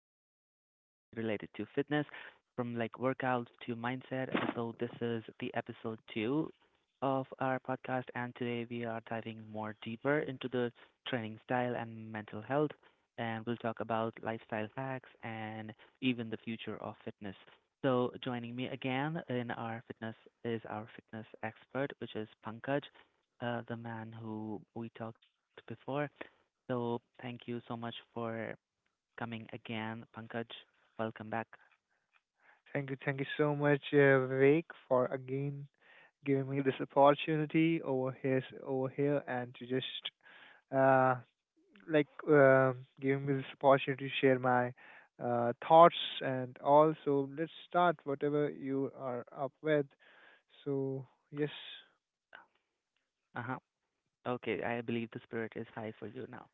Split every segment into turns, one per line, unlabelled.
talk about everything related to fitness, from like workouts to mindset. So, this is the episode 2 of our podcast, and today we are diving more deeper into the training style and mental health. And we'll talk about lifestyle hacks and even the future of fitness. So, joining me again in our fitness is our fitness expert, which is Pankaj, the man who we talked before. So thank you so much for coming again, Pankaj. Welcome back.
Thank you so much, Vivek, for again giving me this opportunity over here, and to just uh, like uh, giving me this opportunity to share my thoughts, and also let's start whatever you are up with. So yes.
Uh huh. Okay, I believe the spirit is high for you now.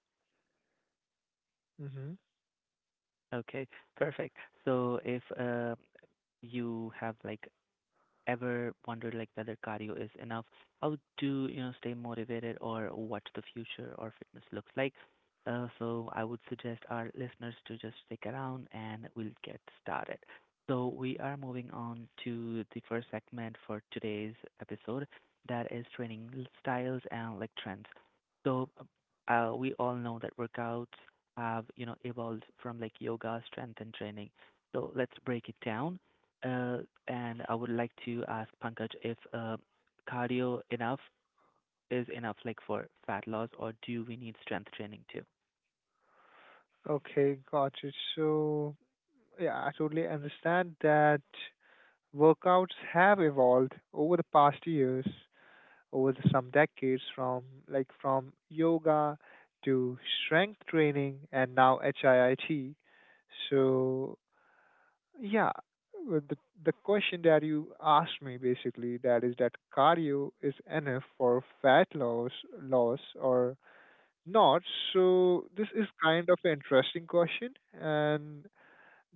Mm-hmm.
Okay, perfect. So if you have like ever wondered like whether cardio is enough? How to, you know, stay motivated or what the future or fitness looks like? So I would suggest our listeners to just stick around and we'll get started. So we are moving on to the first segment for today's episode, that is training styles and like trends. So we all know that workouts have, you know, evolved from like yoga, strength and training. So let's break it down. Uh, and I would like to ask Pankaj if cardio enough is enough, like for fat loss, or do we need strength training too?
Okay, got it. So, yeah, I totally understand that workouts have evolved over the past years, some decades, from yoga to strength training and now HIIT. So yeah, with the question that you asked me, basically, that is that cardio is enough for fat loss or not. So this is kind of an interesting question, and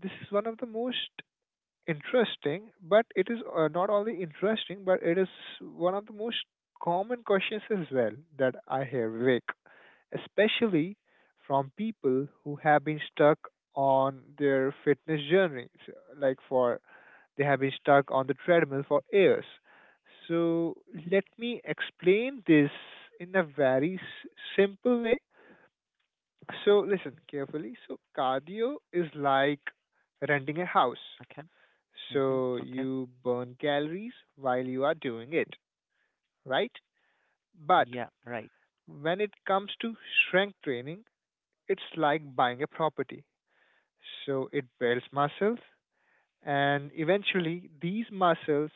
this is one of the most interesting, but it is not only interesting, but it is one of the most common questions as well that I hear, Vivek, especially from people who have been stuck on their fitness journey. So, like for they have been stuck on the treadmill for years. So let me explain this in a very simple way. So listen carefully. So cardio is like renting a house.
Okay. Mhm.
So
Okay.
you burn calories while you are doing it, right? But
Yeah. Right.
when it comes to strength training, it's like buying a property. So it builds muscles, and eventually these muscles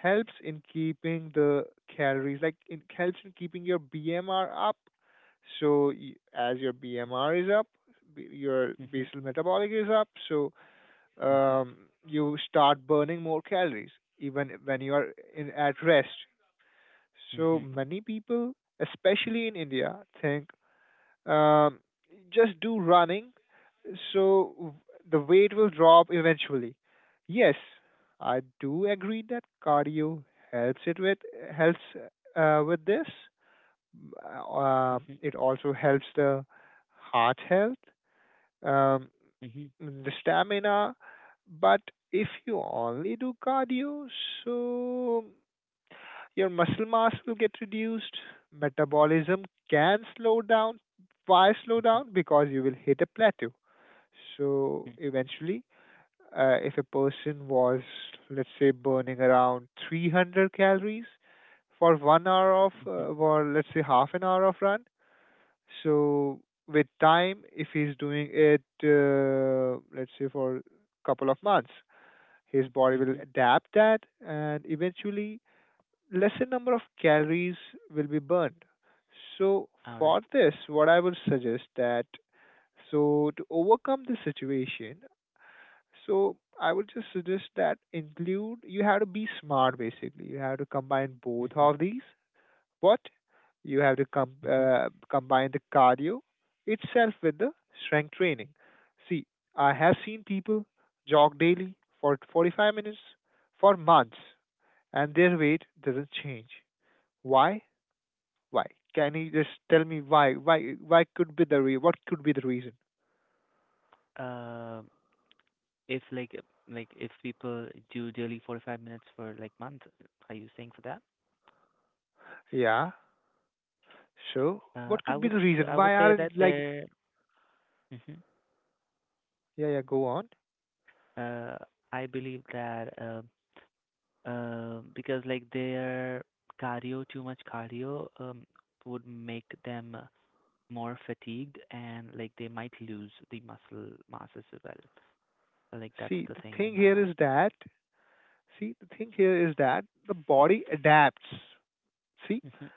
helps in keeping the calories like it helps in keeping your BMR up. So as your BMR is up, your
Mhm.
basal metabolic is up, so
Mhm.
um, you start burning more calories even when you are in, at rest. So
Mhm.
many people, especially in India, think, um, just do running, so the weight will drop eventually. Yes, I do agree that cardio helps it with helps with this.
Mhm.
It also helps the heart health. Um,
Mhm.
the stamina. But if you only do cardio, so your muscle mass will get reduced. Metabolism can slow down. Why slow
Mhm.
down? Because you will hit a plateau. So
Mhm.
eventually, if a person was, let's say, burning around 300 calories for 1 hour of,
Mhm.
or let's say half an hour of run, so with time, if he's doing it, let's say for a couple of months, his body will
Mhm.
adapt that, and eventually, lesser number of calories will be burned. So
All right.
for this, what I would suggest that, so to overcome the situation, so I would just suggest that include you have to be smart, basically. You have to combine both
Mhm.
of these. What you have to com-
Mhm.
Combine the cardio itself with the strength training. See, I have seen people jog daily for 45 minutes for months, and their weight doesn't change. Why? Why? Can you just tell me why? Why? Why could be what could be the reason?
Um, if like like if people do daily 45 minutes for like month, are you saying for that?
Yeah. So what could be the reason?
I would
Why
say that
aren't like
they're.
Yeah, yeah, go on.
uh, I believe that because like their cardio, too much cardio, would make them more fatigued and like they might lose the muscle mass as well. So, like that's
See,
the
the
thing in
thing
my
here
mind.
is that, the body adapts. See,
Mm-hmm.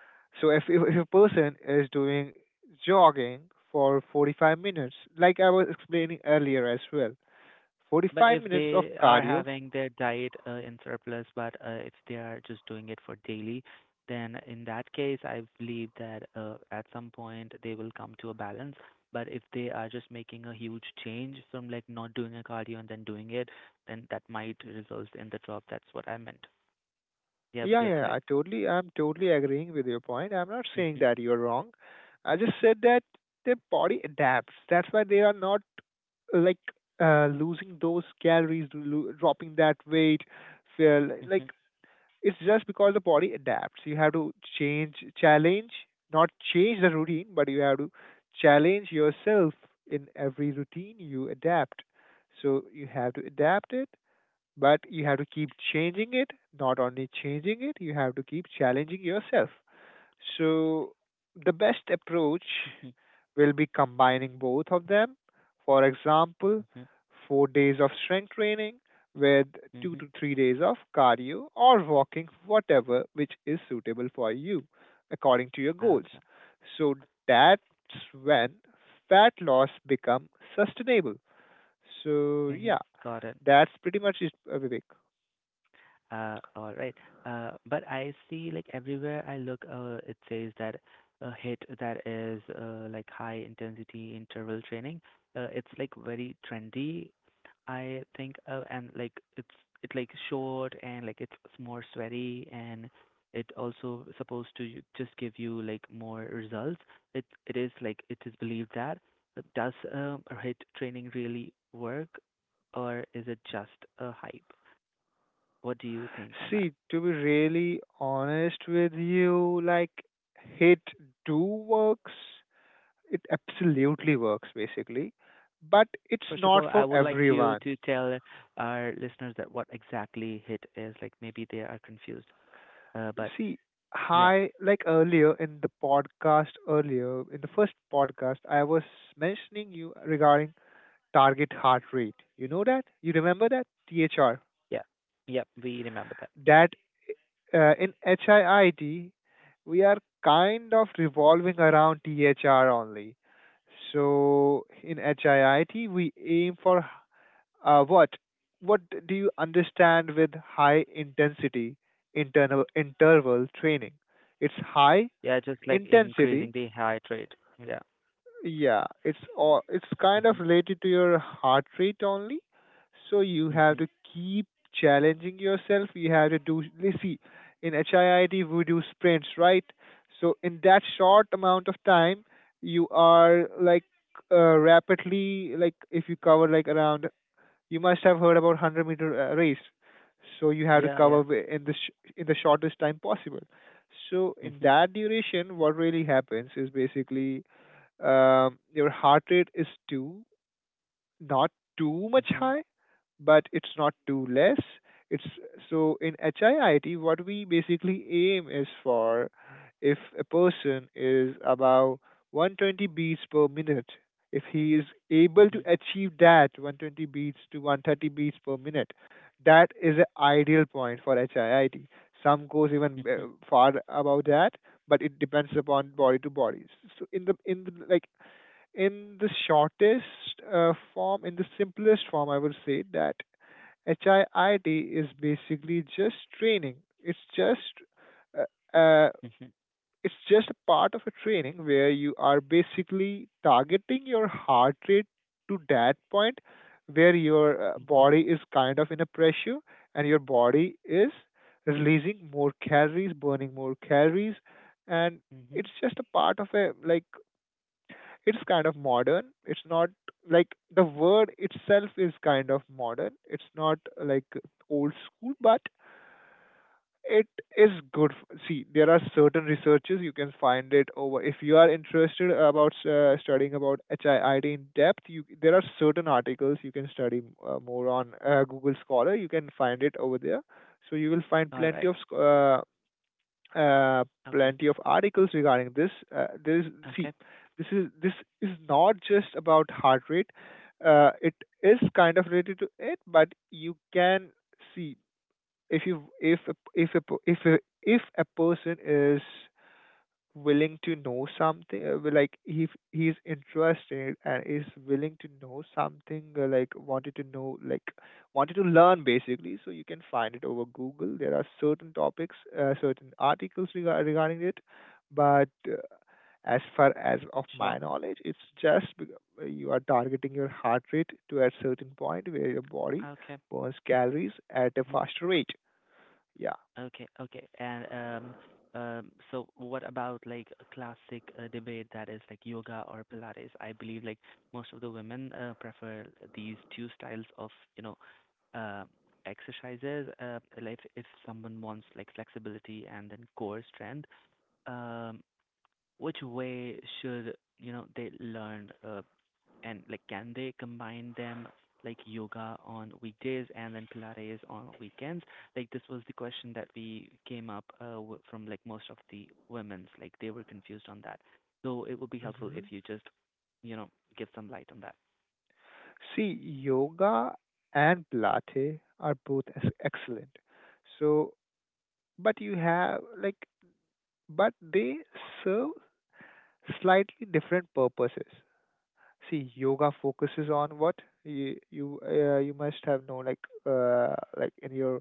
so if a person is doing jogging for 45 minutes, like I was explaining earlier as well,
But
45
if
minutes of
they are
cardio.
having their diet in surplus, but if they are just doing it for daily, then in that case, I believe that at some point they will come to a balance. But if they are just making a huge change from like not doing a cardio and then doing it, then that might result in the drop. That's what I meant. Yeah, but
Yeah, yeah,
you're
yeah,
correct.
I totally, I'm totally agreeing with your point. I'm not saying
Mhm.
that you're wrong. I just said that their body adapts. That's why they are not, like, losing those calories, dropping that weight. Feel like,
Mhm.
it's just because the body adapts. You have to challenge, not change the routine, but you have to challenge yourself in every routine you adapt. So you have to adapt it, but you have to keep changing it. Not only changing it, you have to keep challenging yourself. So the best approach
Mhm.
We'll be combining both of them. For example,
Mhm.
4 days of strength training with two
Mhm.
to three days of cardio or walking, whatever which is suitable for you according to your goals.
Okay.
So that's when fat loss become sustainable. So
Mhm.
yeah,
Got it.
that's pretty much it, Vivek.
All right. But I see like everywhere I look, it says that a hit, that is like high intensity interval training. It's like very trendy, I think, and like it's, it like short and like it's more sweaty and it also supposed to just give you like more results. It is like it is believed that. But does a hit training really work, or is it just a hype? What do you think on that?
See, to be really honest with you, like, hit do works, it absolutely works, basically, but it's
First of
not
all, I
for
would like to
everyone.
tell our listeners that what exactly HIT is. Like maybe they are confused. But
See,
yeah,
hi like earlier in the podcast, earlier in the first podcast, I was mentioning you regarding target heart rate, you know that, you remember that, THR,
yeah, yeah, we remember that.
that in HIIT we are kind of revolving around THR only. So in HIIT we aim for, Uh, what what do you understand with high intensity internal interval training? It's high
Yeah, just like
intensity.
increasing the heart rate. Yeah.
Yeah, it's all, it's kind of
Mhm.
related to your heart rate only. So you have
Mhm.
to keep challenging yourself. You have to do. Let's see, in HIIT we do sprints, right? So in that short amount of time, you are like rapidly, like, if you cover like around, you must have heard about 100 meter race. So you have to
Yeah, yeah.
cover in the shortest time possible. So in
Mhm.
that duration, what really happens is, basically, your heart rate is two not too much
Mhm.
high, but it's not too less. It's, so in HIIT, what we basically aim is for, if a person is about 120 beats per minute, if he is able
Mhm.
to achieve that 120 beats to 130 beats per minute, that is an ideal point for HIIT. Some goes even
Mhm.
far above that, but it depends upon body to bodies. So in like, in the shortest form, in the simplest form, I would say that HIIT is basically just training. It's just uh, uh,
Mhm.
it's just a part of a training where you are basically targeting your heart rate to that point where your
Mhm.
body is kind of in a pressure, and your body is releasing more calories, burning more calories, and
Mhm.
it's just a part of a, like, it's kind of modern. It's not like, the word itself is kind of modern. It's not like old school, but it is good. See, there are certain researches you can find it over. If you are interested about studying about HIID in depth, you, there are certain articles you can study more on Google Scholar. You can find it over there. So you will find
All right.
uh,
Okay.
plenty of articles regarding this. There is, see,
Okay.
this is not just about heart rate. It is kind of related to it, but you can see, if you if a, if a, if a person is willing to know something, like, he he's interested and is willing to know something, wanted to learn, basically, so you can find it over Google, there are certain topics, certain articles regarding it, but as far as of
Sure.
my knowledge, it's just you are targeting your heart rate to a certain point where your body
Okay.
burns calories at a
Mhm.
faster rate, yeah.
Okay, okay. And so what about like a classic debate that is like yoga or Pilates? I believe like most of the women prefer these two styles of, you know, uh, exercises. Like if someone wants like flexibility and then core strength, um, which way should, you know, they learn? And like, can they combine them like yoga on weekdays and then Pilates on weekends? Like, this was the question that we came up from like most of the women's. Like, they were confused on that. So it would be helpful if
Hmm.
you just, you know, give some light on that.
See, yoga and Pilates are both excellent. So, but you have like, but they serve slightly different purposes. See, yoga focuses on what, you you must have known, like, like, in your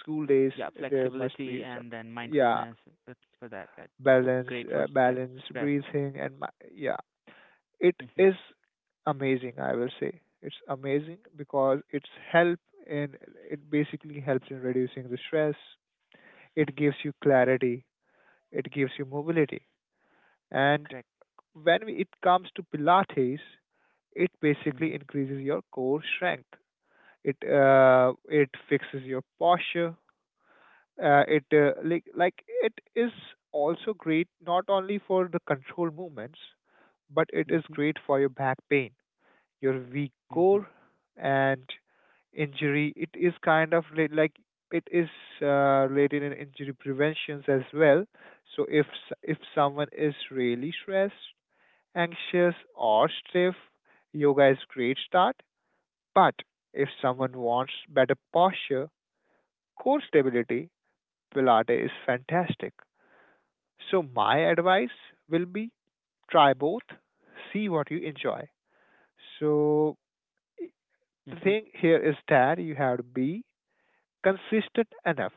school days,
Yeah,
there must
flexibility
be some,
and then
yeah,
mindfulness, that's for that. That
balance,
great for
balance,
stress.
breathing, and yeah, it
Mhm.
is amazing, I will say, it's amazing, because in it basically helps in reducing the stress, it
Mhm.
gives you clarity, it gives you mobility, and
Correct.
when it comes to Pilates, it basically
Mhm.
increases your core strength, it uh, it fixes your posture, it like it is also great, not only for the control movements, but it is
Mhm.
great for your back pain, your weak
Mhm.
core, and injury. It is kind of like, it is related in injury preventions as well. So if if someone is really stressed, anxious, or stiff, yoga is great start. But if someone wants better posture, core stability, Pilates is fantastic. So my advice will be, try both, see what you enjoy. So the
Mhm.
thing here is that you have to be consistent enough.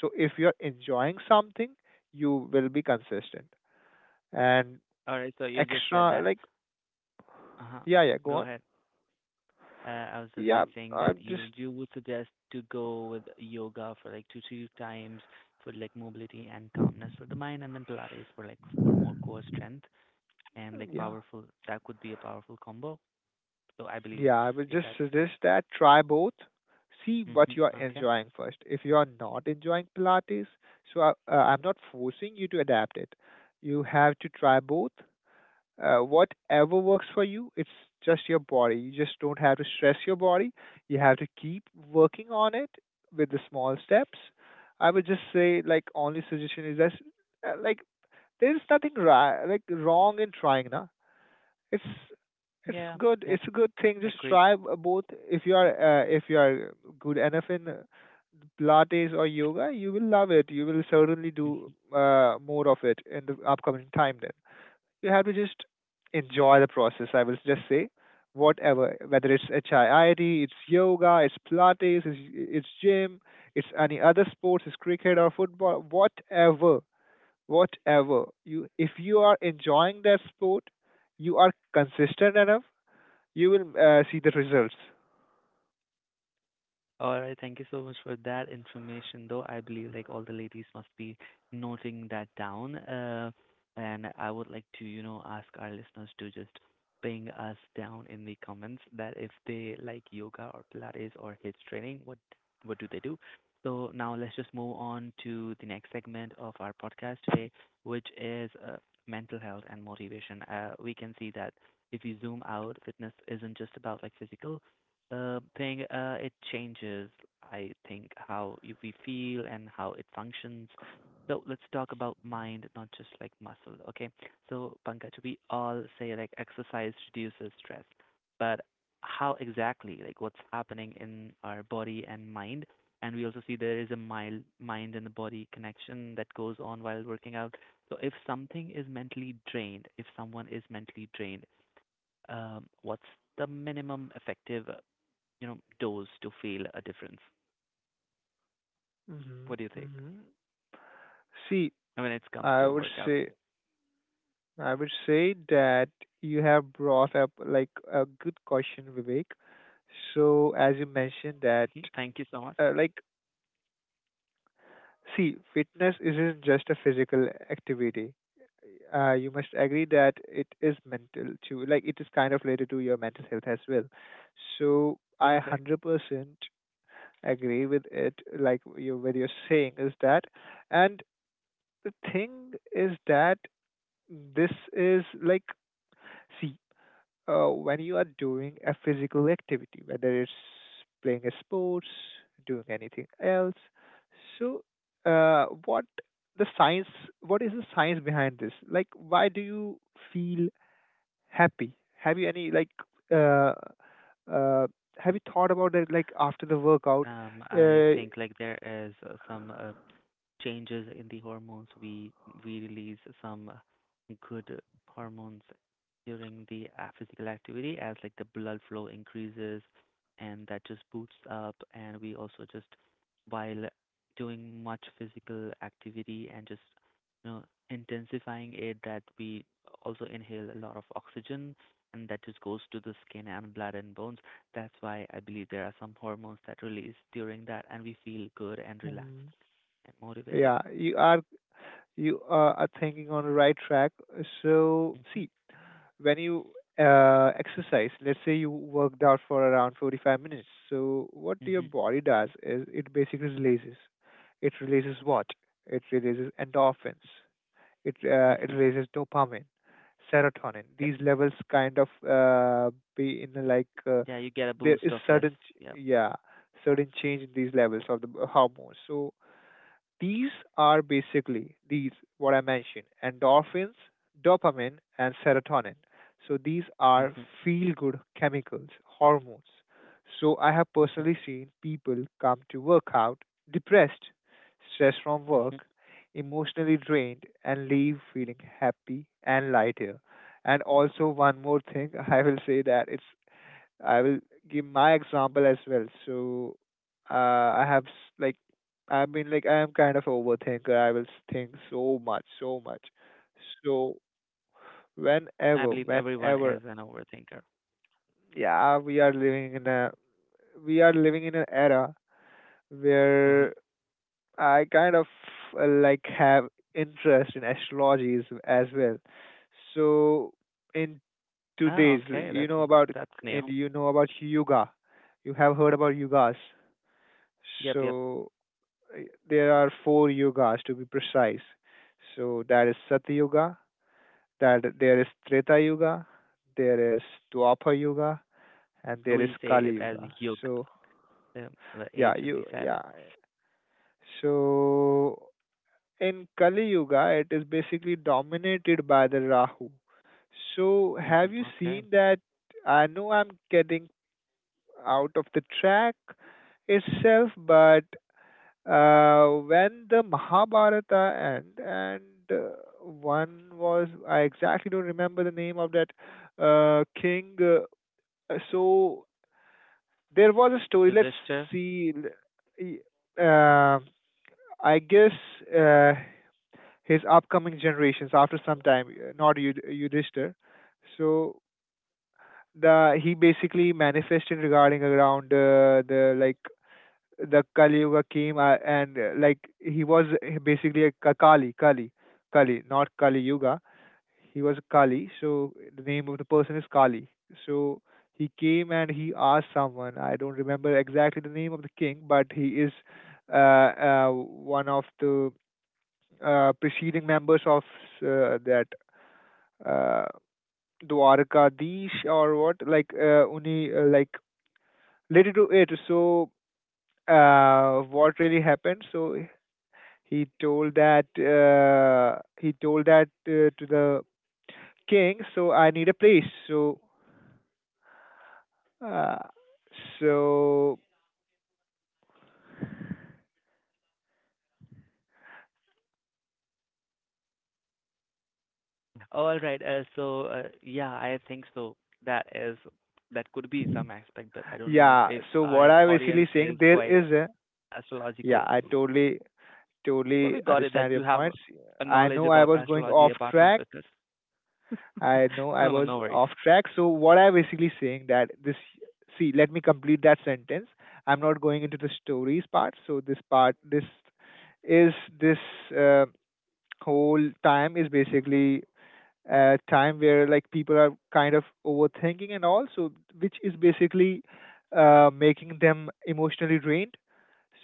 So if you're enjoying something, you will be consistent. And
All right. So you just said
extra,
that.
like,
Uh huh.
yeah, yeah, go
Go
on.
ahead. I was just
Yeah,
like saying that
I'm
you
just,
you would suggest to go with yoga for like 2 3 times for like mobility and calmness for the mind, and then Pilates for like for more core strength and like
yeah,
powerful. That could be a powerful combo. So I believe
yeah, I would just
that's
suggest
correct.
that try both. See what
Hmm.
you are
Okay.
enjoying first. If you are not enjoying Pilates, so I, I'm not forcing you to adapt it. You have to try both, whatever works for you, it's just your body, you just don't have to stress your body, you have to keep working on it with the small steps. I would just say, like, only suggestion is that, like, there's nothing like, wrong in trying, na, it's it's
Yeah.
good,
Yep.
it's a good thing,
I
just
agree.
try both. If you are if you are good enough in Pilates or yoga, you will love it, you will certainly do
Mm-hmm.
more of it in the upcoming time, then you have to just enjoy the process. I will just say, whatever, whether it's HIIT, it's yoga, it's Pilates, it's gym, it's any other sports, it's cricket or football, whatever. If you are enjoying that sport, you are consistent enough, you will see the results.
All right, thank you so much for that information, though. I believe like all the ladies must be noting that down. And I would like to, you know, ask our listeners to just ping us down in the comments that if they like yoga or Pilates or HIIT training, what do they do? So now let's just move on to the next segment of our podcast today, which is mental health and motivation. We can see that if you zoom out, fitness isn't just about like physical thing, it changes, I think, how we feel and how it functions. So let's talk about mind, not just like muscle, okay? So, Pankaj, we all say like exercise reduces stress, but how exactly, like what's happening in our body and mind? And we also see there is a mild mind and the body connection that goes on while working out. So if something is mentally drained, if someone is mentally drained, what's the minimum effective, you know, dose to feel a difference?
hmm
What do you think
hmm See,
when it comes
I
to
would
workouts?
say I would say that you have brought up like a good question, Vivek. So as you mentioned that,
Mhm. Thank you so much.
uh, like see, fitness isn't just a physical activity. You must agree that it is mental too. Like it is kind of related to your mental health as well. So
Yeah,
I
correct.
100% agree with it. Like, what you're saying is that, and the thing is that this is like, see, when you are doing a physical activity, whether it's playing a sports, doing anything else. So, what the science? What is the science behind this? Like, why do you feel happy? Have you any like? Uh, uh, have you thought about it? Like after the workout,
I
uh,
think like there is some changes in the hormones. We release some good hormones during the physical activity, as like the blood flow increases and that just boosts up, and we also just while doing much physical activity and just, you know, intensifying it, that we also inhale a lot of oxygen, and that just goes to the skin and blood and bones. That's why I believe there are some hormones that release during that, and we feel good and relaxed
mm,
and motivated.
yeah, you are you are thinking on the right track. So,
Hmm.
see, when you exercise, let's say you worked out for around 45 minutes. So what your
Hmm.
body does is it basically releases. It releases what? It releases endorphins. It
Hmm.
releases dopamine, serotonin.
Yep.
These levels kind of be in
Yeah, you get a
there
boost
is
of this. Yep.
certain change in these levels of the hormones. So these are basically these what I mentioned: endorphins, dopamine, and serotonin. So these are
Hmm.
feel-good chemicals, hormones. So I have
Hmm.
personally seen people come to work out depressed, stressed from
Hmm.
work, emotionally drained, and leave feeling happy and lighter. And also one more thing, I will say that it's I will give my example as well. So uh, I have s- like I mean like I am kind of overthinker. I will think so much, so much. So
I
whenever,
believe everyone
whenever,
is an overthinker.
yeah, we are living in an era
Hmm.
where I kind of like have interest in astrology as well. So in
Ah,
today's,
okay.
you know about
That's
and
new.
you know about yoga. You have heard about yogas.
Yep, yep.
So there are four yogas to be precise. So that is Sat Yoga, that there is Treta Yoga, there is Dwapar Yoga, and there is
We say
Kali
it as
Yuga.
yug.
So
The
yeah,
A should be
you
silent.
yeah. So in Kali Yuga, it is basically dominated by the Rahu. So
Hmm.
have you
Okay.
seen that? I know I'm getting out of the track itself, but when the Mahabharata end, and uh, one was I exactly don't remember the name of that king. So there was a story. Let's
Yudhishthir.
see. Y- Uh, I guess uh, his upcoming generations after some time, not Yudhishthir. So the he basically manifested regarding around the Kali Yuga came, and, like he was basically a Kali, not Kali Yuga. He was Kali, so the name of the person is Kali. So he came and he asked someone. I don't remember exactly the name of the king, but he is one of the preceding members of that uh, Dwarkadish or what, like related to it. So what really happened. So he told that to the king, so I need a place. So uh, so
All right. So yeah, I think so. That is that could be some aspect, but I don't know
yeah,
if
so
our
what I
audience
basically saying,
is
there
quite
is a, yeah,
astrological.
I totally
But we got it that
understand your
you have
points.
a
I
knowledge
know I
about
was going
astrology
off
apart from
track,
fitness.
I know I
No, no,
was
no worries.
off track. So what I basically saying that this, see, let me complete that sentence. I'm not going into the stories part. So this part, this is this uh, whole time is basically a time where like people are kind of overthinking and all, so which is basically, making them emotionally drained.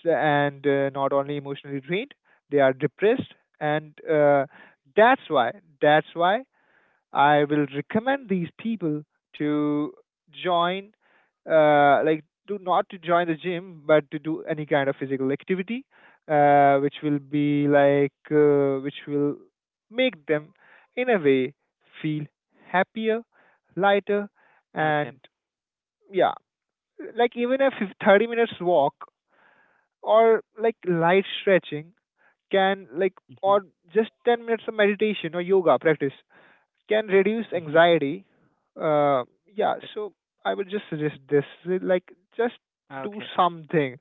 So, and, not only emotionally drained, they are depressed, and, that's why that's why I will recommend these people to join, like, do not to join the gym, but to do any kind of physical activity, which will make them, in a way, feel happier, lighter,
Okay.
and yeah, like even a 30 minutes walk or like light stretching can like,
Mhm.
or just 10 minutes of meditation or yoga practice can reduce
Mhm.
anxiety. Uh, yeah,
Yep.
so I would just suggest this, like just do
Okay.
something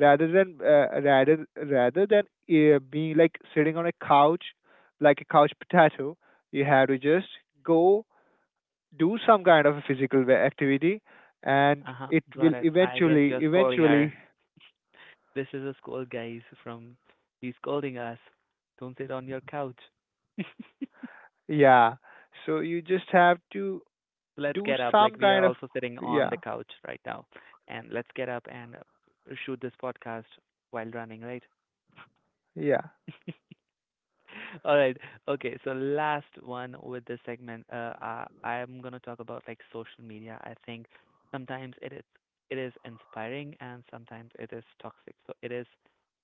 rather than rather than being like sitting on a couch like a couch potato. You have to just go do some kind of a physical activity, and
Uh huh.
it will
Got it. I guess
eventually
you're scolding her.
eventually
This is a scold, guys. From he's scolding us. Don't sit on your couch.
yeah. So you just have to
Let's
do
get up. Like
some
we are
kind of
also sitting on
yeah
the couch right now, and let's get up and shoot this podcast while running, right?
yeah.
All right. Okay. So last one with this segment, uh, I'm gonna talk about like social media. I think sometimes it is inspiring and sometimes it is toxic. So it is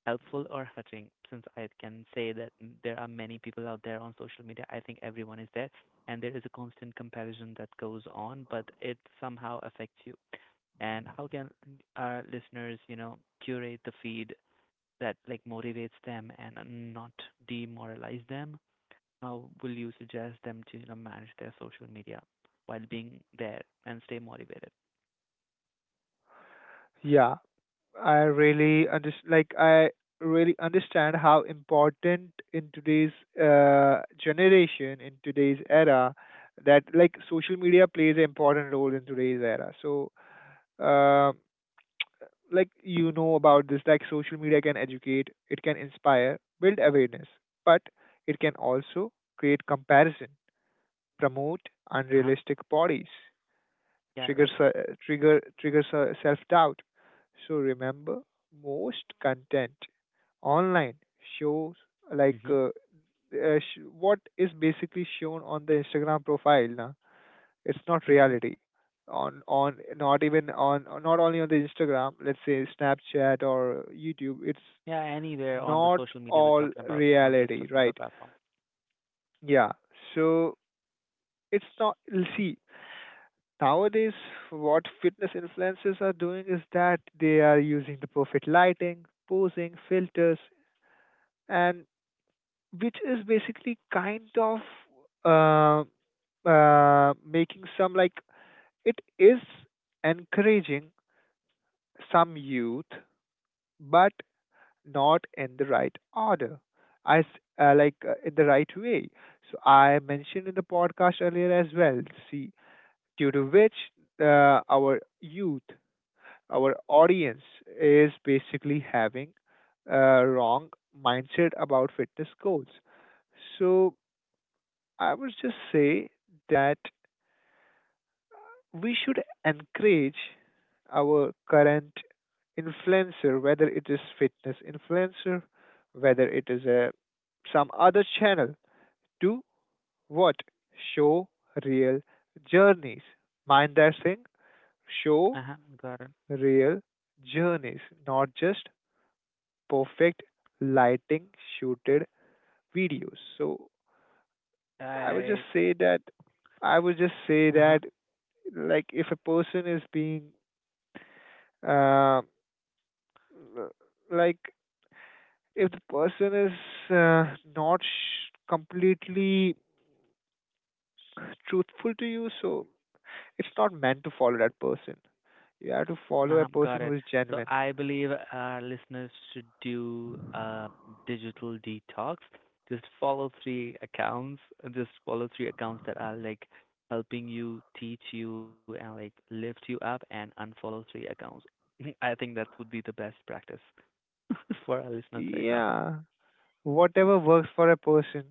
helpful or hurting. Since I can say that there are many people out there on social media, I think everyone is there, and there is a constant comparison that goes on, but it somehow affects you. And how can our listeners, you know, curate the feed that like motivates them and not demoralize them, how will you suggest them to, you know, manage their social media while being there and stay motivated?
Yeah, I really under like I really understand how important in today's era, that like social media plays an important role in today's era. So, uh, like you know about this, like social media can educate, it can inspire, build awareness, but it can also create comparison, promote
Uh huh.
unrealistic bodies,
Yeah, right.
triggers self-doubt. So remember, most content online shows like
Mhm.
uh, what is basically shown on the Instagram profile. Na? It's not
Mhm.
reality. On Not even on, not only on the Instagram. Let's say Snapchat or YouTube. It's
Yeah, anywhere on the
not
social media we're
all
talking about, not just a
reality,
single
right?
platform.
Yeah. So it's not. See, nowadays what fitness influencers are doing is that they are using the perfect lighting, posing, filters, and which is basically kind of, uh, making some like it is encouraging some youth, but not in the right order. I s- like In the right way. So I mentioned in the podcast earlier as well. See, due to which, our youth, our audience is basically having a wrong mindset about fitness goals. So I would just say that we should encourage our current influencer, whether it is fitness influencer, whether it is a some other channel, to what show real journeys. Mind that thing, show
Uh huh. Got it.
real journeys, not just perfect lighting shooted videos. So I would just
I.
say that I would just say
Uh huh.
that, like, if a person is being, uh, like if the person is, uh, not sh- completely truthful to you, so it's not meant to follow that person. You have to follow a
Uh-huh,
person
got
who
it.
is
So
genuine.
I believe our listeners should do a digital detox. Just follow three accounts. Just follow three accounts that are like helping you, teach you, and like lift you up, and unfollow three accounts. I think that would be the best practice for our listeners right now.
Yeah, whatever works for a person,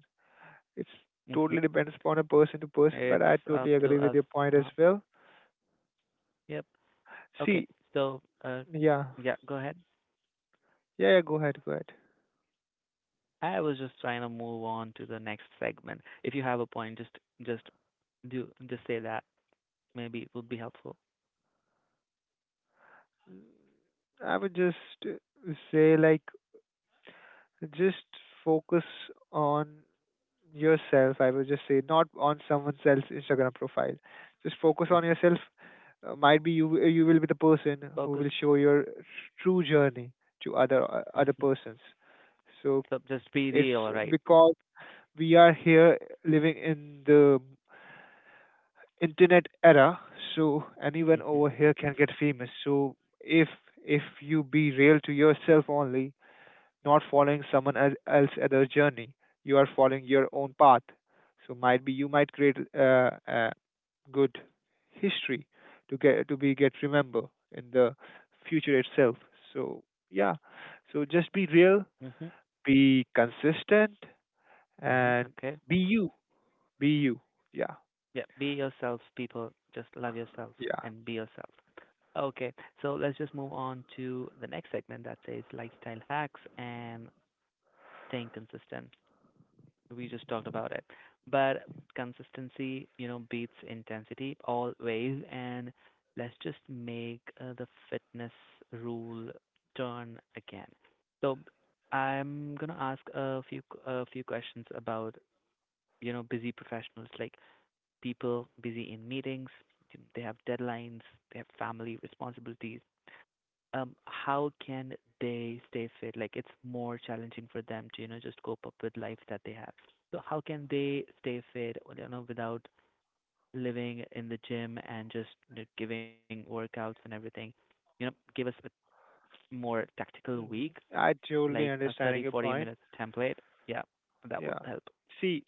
it's
Hmm.
totally depends upon a person to person. But I
It's up
totally
to
agree with
us
your point as
now.
well.
Yep. Okay.
See,
So,
yeah,
yeah, go ahead.
yeah. Go ahead, go ahead.
I was just trying to move on to the next segment. If you have a point, just do just say that. Maybe it would be helpful.
I would just say, like, just focus on yourself. I would just say not on someone else's Instagram profile. Just focus on
Hmm.
yourself. Might be you you will be the person who
Focus.
will show your true journey to other other
Hmm.
persons. So
So just be
it's
real, right?
because we are here living in the internet era, so anyone
Hmm.
over here can get famous. So if you be real to yourself only, not following someone else other journey, you are following your own path. So might be you might create, a good history to get to be get remember in the future itself. So yeah, so just be real,
Hmm.
be consistent,
Hmm.
and
Okay.
be you, be you. Yeah,
Yeah. Be yourself, people. Just love yourself
yeah.
and be yourself. Okay. So let's just move on to the next segment that says lifestyle hacks and staying consistent. We just talked about it. But consistency, you know, beats intensity always. And let's just make the fitness rule turn again. So I'm gonna ask a few questions about, you know, busy professionals like people busy in meetings, they have deadlines, they have family responsibilities. How can they stay fit? Like it's more challenging for them to, you know, just cope up with life that they have. So how can they stay fit, well, you know, without living in the gym and just, you know, giving workouts and everything? You know, give us a more tactical
Mhm.
week,
I totally
like a
understanding
30
your
40
point.
minutes template. Yeah, that would
Yeah.
help.
See,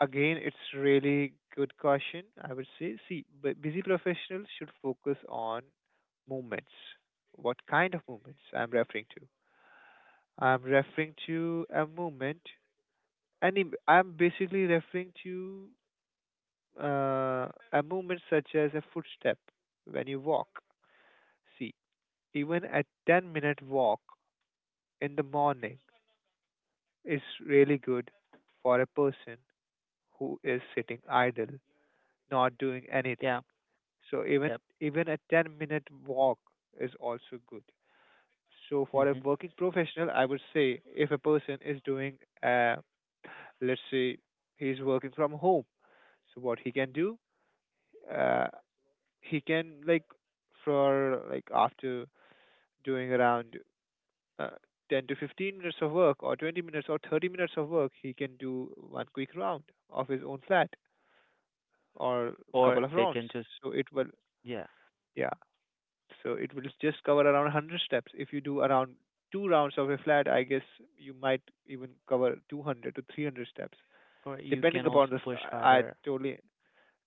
again, it's really good question. I would say, see, busy professionals should focus on movements. What kind of movements I'm referring to? I'm referring to a movement, and I'm basically referring to, uh, a movement such as a footstep when you walk. See, even a 10-minute walk in the morning is really good for a person who is sitting idle, not doing
Yeah,
anything. So
yep.
even a 10-minute walk is also good. So for a
Hmm.
working professional, I would say if a person is doing, let's say he's working from home, so what he can do, uh, he can like for like after doing around, uh, 10 to 15 minutes of work or 20 minutes or 30 minutes of work, he can do one quick round of his own flat or couple
Or
of
they
rounds.
can just,
So it will,
yeah.
yeah. So it will just cover around 100 steps. If you do around two rounds of a flat, I guess you might even cover 200 to 300 steps,
Or you can
depending
also
upon the.
push
I
harder.
totally.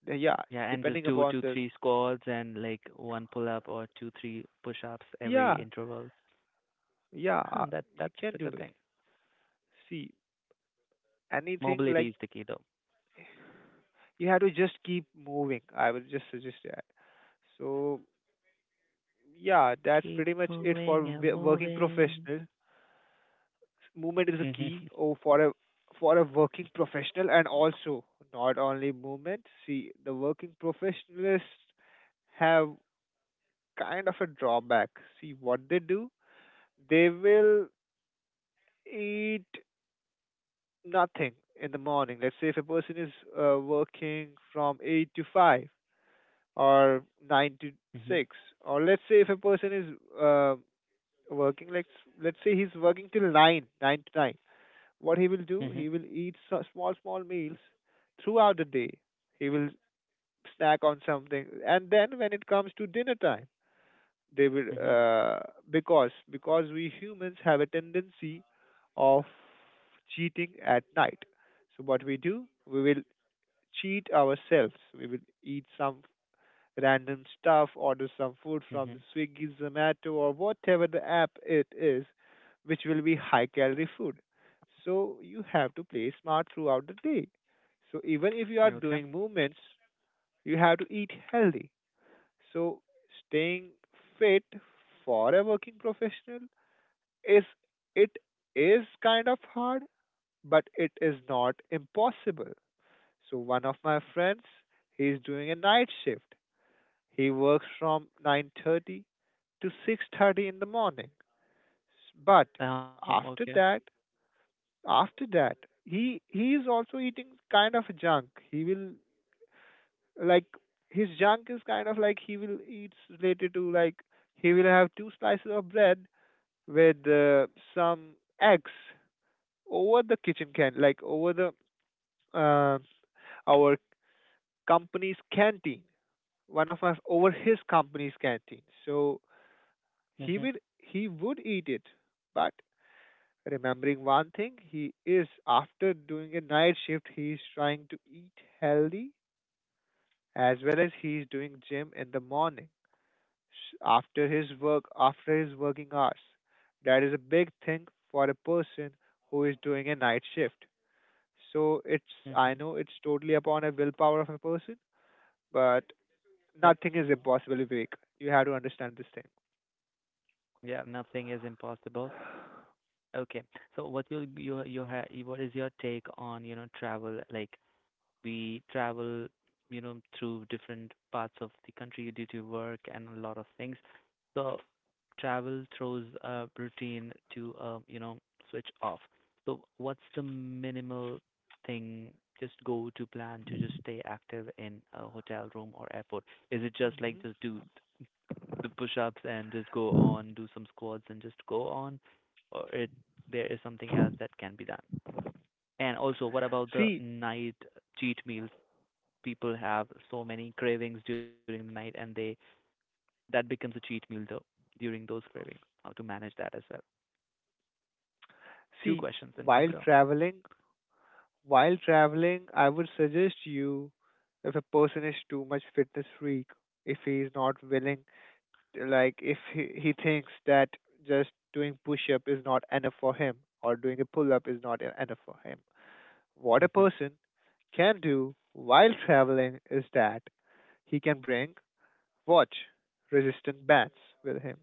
Yeah,
Yeah, and just
depending
do
upon
two,
the.
three squats and like 1 pull up or two, three push ups every
Yeah,
interval.
yeah,
Huh, that
you
that's
can
a
do
good
it.
thing.
See, anything
Mobility
like
is the key though.
you have to just keep moving. I would just suggest that. So yeah, that's
Keep
pretty much it for
moving and
working
moving.
professionals. Movement is a
Mhm.
key for a working professional, and also not only movement. See, the working professionalists have kind of a drawback. See what they do, they will eat nothing in the morning. Let's say if a person is working from 8 to 5, or 9 to
Mhm.
6, or let's say if a person is uh, working, like, let's say he's working till 9, 9 to 9. What he will do,
Mhm.
he will eat small small meals throughout the day. He will snack on something, and then when it comes to dinner time, they will
Mhm.
because we humans have a tendency of cheating at night. So what we do, we will cheat ourselves, we will eat some random stuff, order some food from
Mhm.
Swiggy, Zomato, or whatever the app it is, which will be high calorie food. So you have to play smart throughout the day. So even if you are
Okay.
doing movements, you have to eat healthy. So staying fit for a working professional is, it is kind of hard, but it is not impossible. So one of my friends, he is doing a night shift, he works from 9:30 to 6:30 in the morning. But
Okay.
after that, after that, he is also eating kind of junk. He will, like, his junk is kind of like, he will eat related to, like, he will have two slices of bread with some eggs over the kitchen can, like over the uh, our company's canteen, one of us over his company's canteen. So he
Mhm.
would, he would eat it, but remembering one thing, he is, after doing a night shift, he is trying to eat healthy, as well as he is doing gym in the morning, after his work, after his working hours. That is a big thing for a person who is doing a night shift. So it's, I
Mhm.
know it's totally upon a willpower of a person, but
Yep.
nothing is impossible, Vivek. You have to understand this thing.
Yeah. Nothing is impossible. Okay. So, what you ha what is your take on, you know, travel, like we travel, you know, through different parts of the country due to work and a lot of things. So travel throws a routine to, you know, switch off. So what's the minimal thing, just go to plan to just stay active in a hotel room or airport? Is it just like
Hmm.
just do the push-ups and just go on, do some squats and just go on, or it there is something else that can be done? And also, what about the
See,
night cheat meals? People have so many cravings during the night, and they, that becomes a cheat meal though during those cravings. How to manage that as well. Two
see,
questions in one
while
go.
traveling, while traveling, I would suggest you, if a person is too much fitness freak, if he is not willing, like if he thinks that just doing push up is not enough for him, or doing a pull up is not enough for him. What a
Mm-hmm.
person can do while traveling is that he can bring watch resistant bands with him,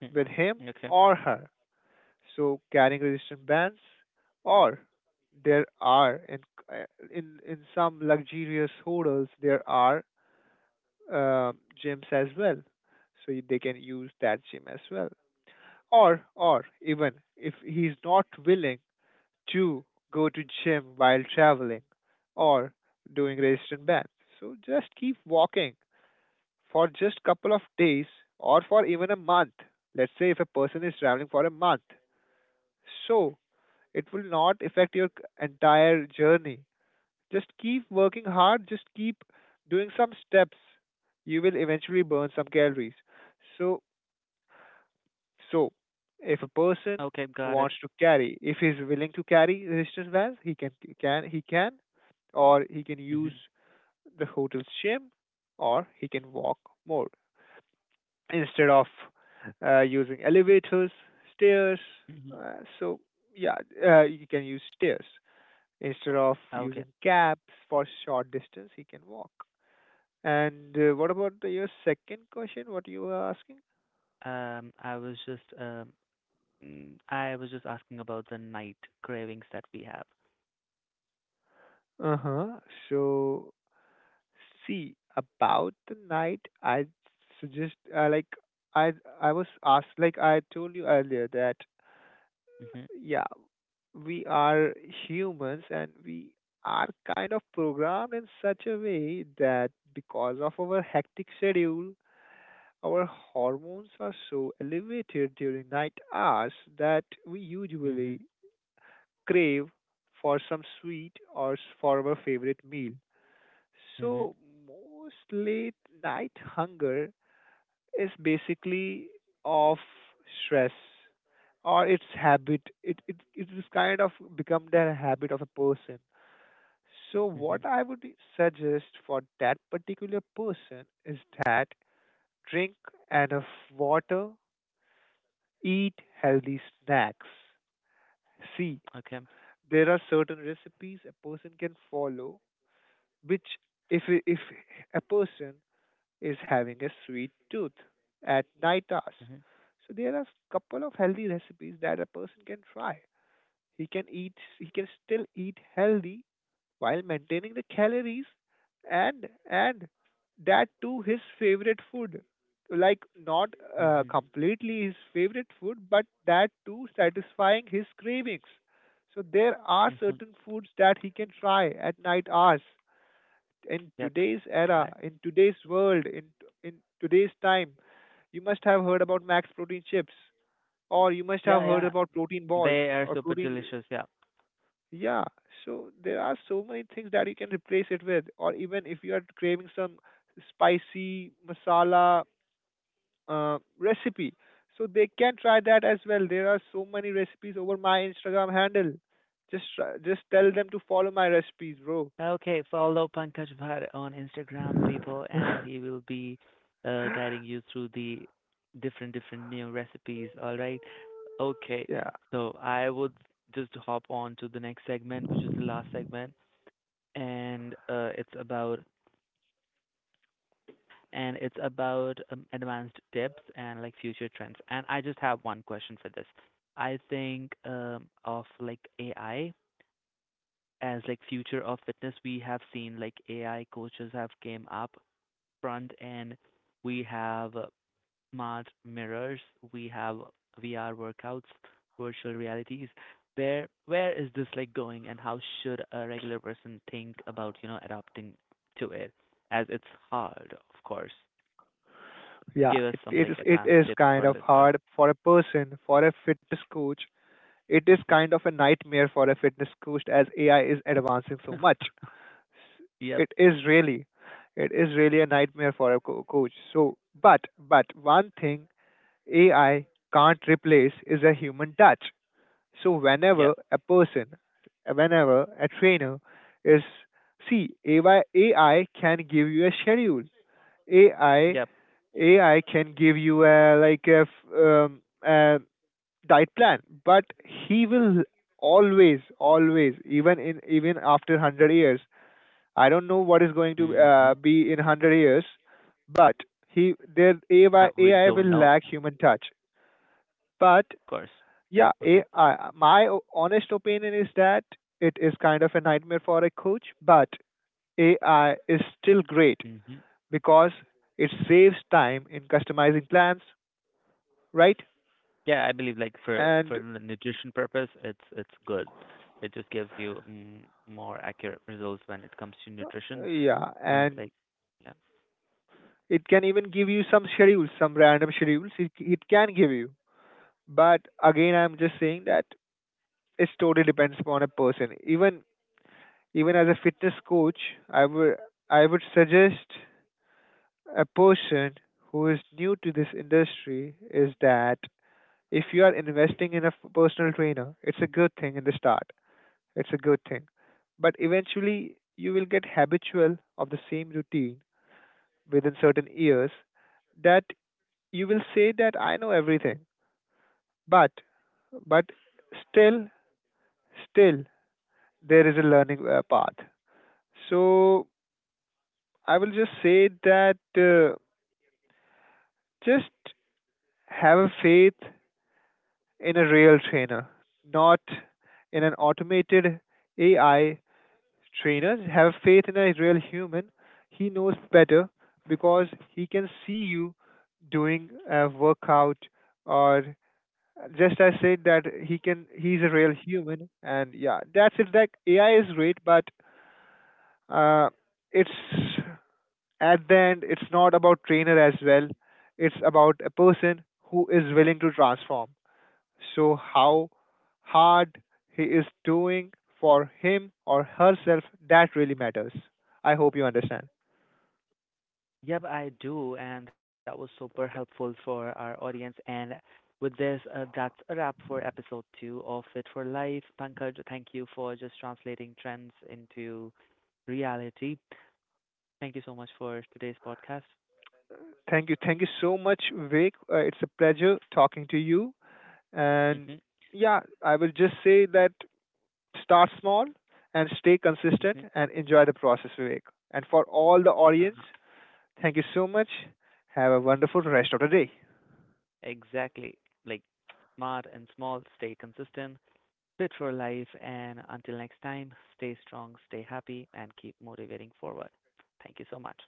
Hmm.
with him
Okay.
or her. So carrying resistant bands, or there are, in some luxurious hotels there are uh, gyms as well, so they can use that gym as well. Or, even if he's not willing to go to gym while traveling, or doing resistant bands, so just keep walking for just couple of days, or for even a month. Let's say if a person is traveling for a month, so it will not affect your entire journey. Just keep working hard, just keep doing some steps. You will eventually burn some calories. So, so, if a person
Okay, got it.
wants to carry, if he's willing to carry resistance bands, he can, can he can, or he can
Mm-hmm.
use the hotel's gym, or he can walk more instead of using elevators, stairs.
Mm-hmm.
So yeah, you can use stairs. Instead of
Okay.
using cabs for short distance, he can walk. And what about the- your second question? What you were asking?
Um, I was just um, I was just asking about the night cravings that we have.
Uh huh. So, see, about the night, I suggest, like, I I was asked like I told you earlier that
Mhm.
yeah, we are humans and we are kind of programmed in such a way that because of our hectic schedule, our hormones are so elevated during night hours that we usually
Mhm.
crave for some sweet, or for our favorite meal.
Mhm.
So, most late night hunger is basically of stress, or its habit. It is kind of become the habit of a person. So,
Mhm.
what I would suggest for that particular person is that drink enough water. Eat healthy snacks. See,
Okay.
there are certain recipes a person can follow, which if a person is having a sweet tooth at night hours,
Mhm.
so there are couple of healthy recipes that a person can try. He can eat. He can still eat healthy while maintaining the calories, and that too his favorite food, like not
Mhm.
completely his favorite food, but that too satisfying his cravings. So there are
Mhm.
certain foods that he can try at night hours. In
Yep.
today's era,
I,
in today's world, in today's time, you must have heard about max protein chips, or you must have
yeah,
heard
yeah.
about protein balls
They are
or
super
protein.
delicious. Yeah.
Yeah, so there are so many things that you can replace it with, or even if you are craving some spicy masala recipe, so they can try that as well. There are so many recipes over my Instagram handle. Just try, just tell them to follow my recipes, bro.
Okay, follow Pankaj Bhat on Instagram, people, and he will be guiding you through the different different new recipes. All right. Okay.
Yeah,
So I would just hop on to the next segment, which is the last segment, and it's about, advanced tips and like future trends. And I just have one question for this. I think of like AI as like future of fitness. We have seen like AI coaches have came up front end, we have smart mirrors, we have VR workouts, virtual realities. Where is this like going, and how should a regular person think about, you know, adapting to it? As it's hard, of course.
yeah,
Give us
it,
some
it is
like
it
advanced
is
tips
kind
for
of
listeners.
hard for a person, for a fitness coach. It is
Hmm.
kind of a nightmare for a fitness coach as AI is advancing so much.
Yep,
it is really it is really a nightmare for a coach. So, but one thing AI can't replace is a human touch. So whenever
yep,
a person, whenever a trainer is, see, AI can give you a schedule. ai
yep.
ai can give you a, like a, f- um, a diet plan, but he will, always, even in, even after 100 years, I don't know what is going to
hmm
be in 100 years, but he their AI,
We
AI
don't
will
know, of
lack human touch. But
course.
yeah,
Agree.
AI, my honest opinion is that it is kind of a nightmare for a coach, but AI is still great
Hmm.
because it saves time in customizing plans, right?
Yeah, I believe like for
And
the nutrition purpose, it's good. It just gives you more accurate results when it comes to nutrition.
yeah,
And it's
and
like, yeah.
it can even give you some schedules, some random schedules. It can give you, but again, I'm just saying that it totally depends upon a person. Even as a fitness coach, I would I would suggest a person who is new to this industry is that if you are investing in a personal trainer, it's a good thing in the start. It's a good thing, but eventually you will get habitual of the same routine within certain years, that you will say that I know everything, but, but still, still there is a learning path. So I will just say that just have a faith in a real trainer, not in an automated AI trainer. Have faith in a real human. He knows better because he can see you doing a workout, or just I said that he can, he's a real human. And yeah, that's it, like AI is great but uh it's, at the end, it's not about trainer as well. It's about a person who is willing to transform. So how hard he is doing for him or herself, that really matters. I hope you understand.
Yep, I do, and that was super helpful for our audience. And with this, that's a wrap for episode 2 of Fit for Life. Pankaj, thank you for just translating trends into reality. Thank you so much for today's podcast.
Thank you. Thank you so much, Vivek. It's a pleasure talking to you. And
Mhm.
yeah, I will just say that start small and stay consistent
Mhm.
and enjoy the process, Vivek. And for all the audience,
Uh-huh.
thank you so much. Have a wonderful rest of the day.
Exactly. Like smart and small, stay consistent. Fit for life. And until next time, stay strong, stay happy, and keep motivating forward. Thank you so much.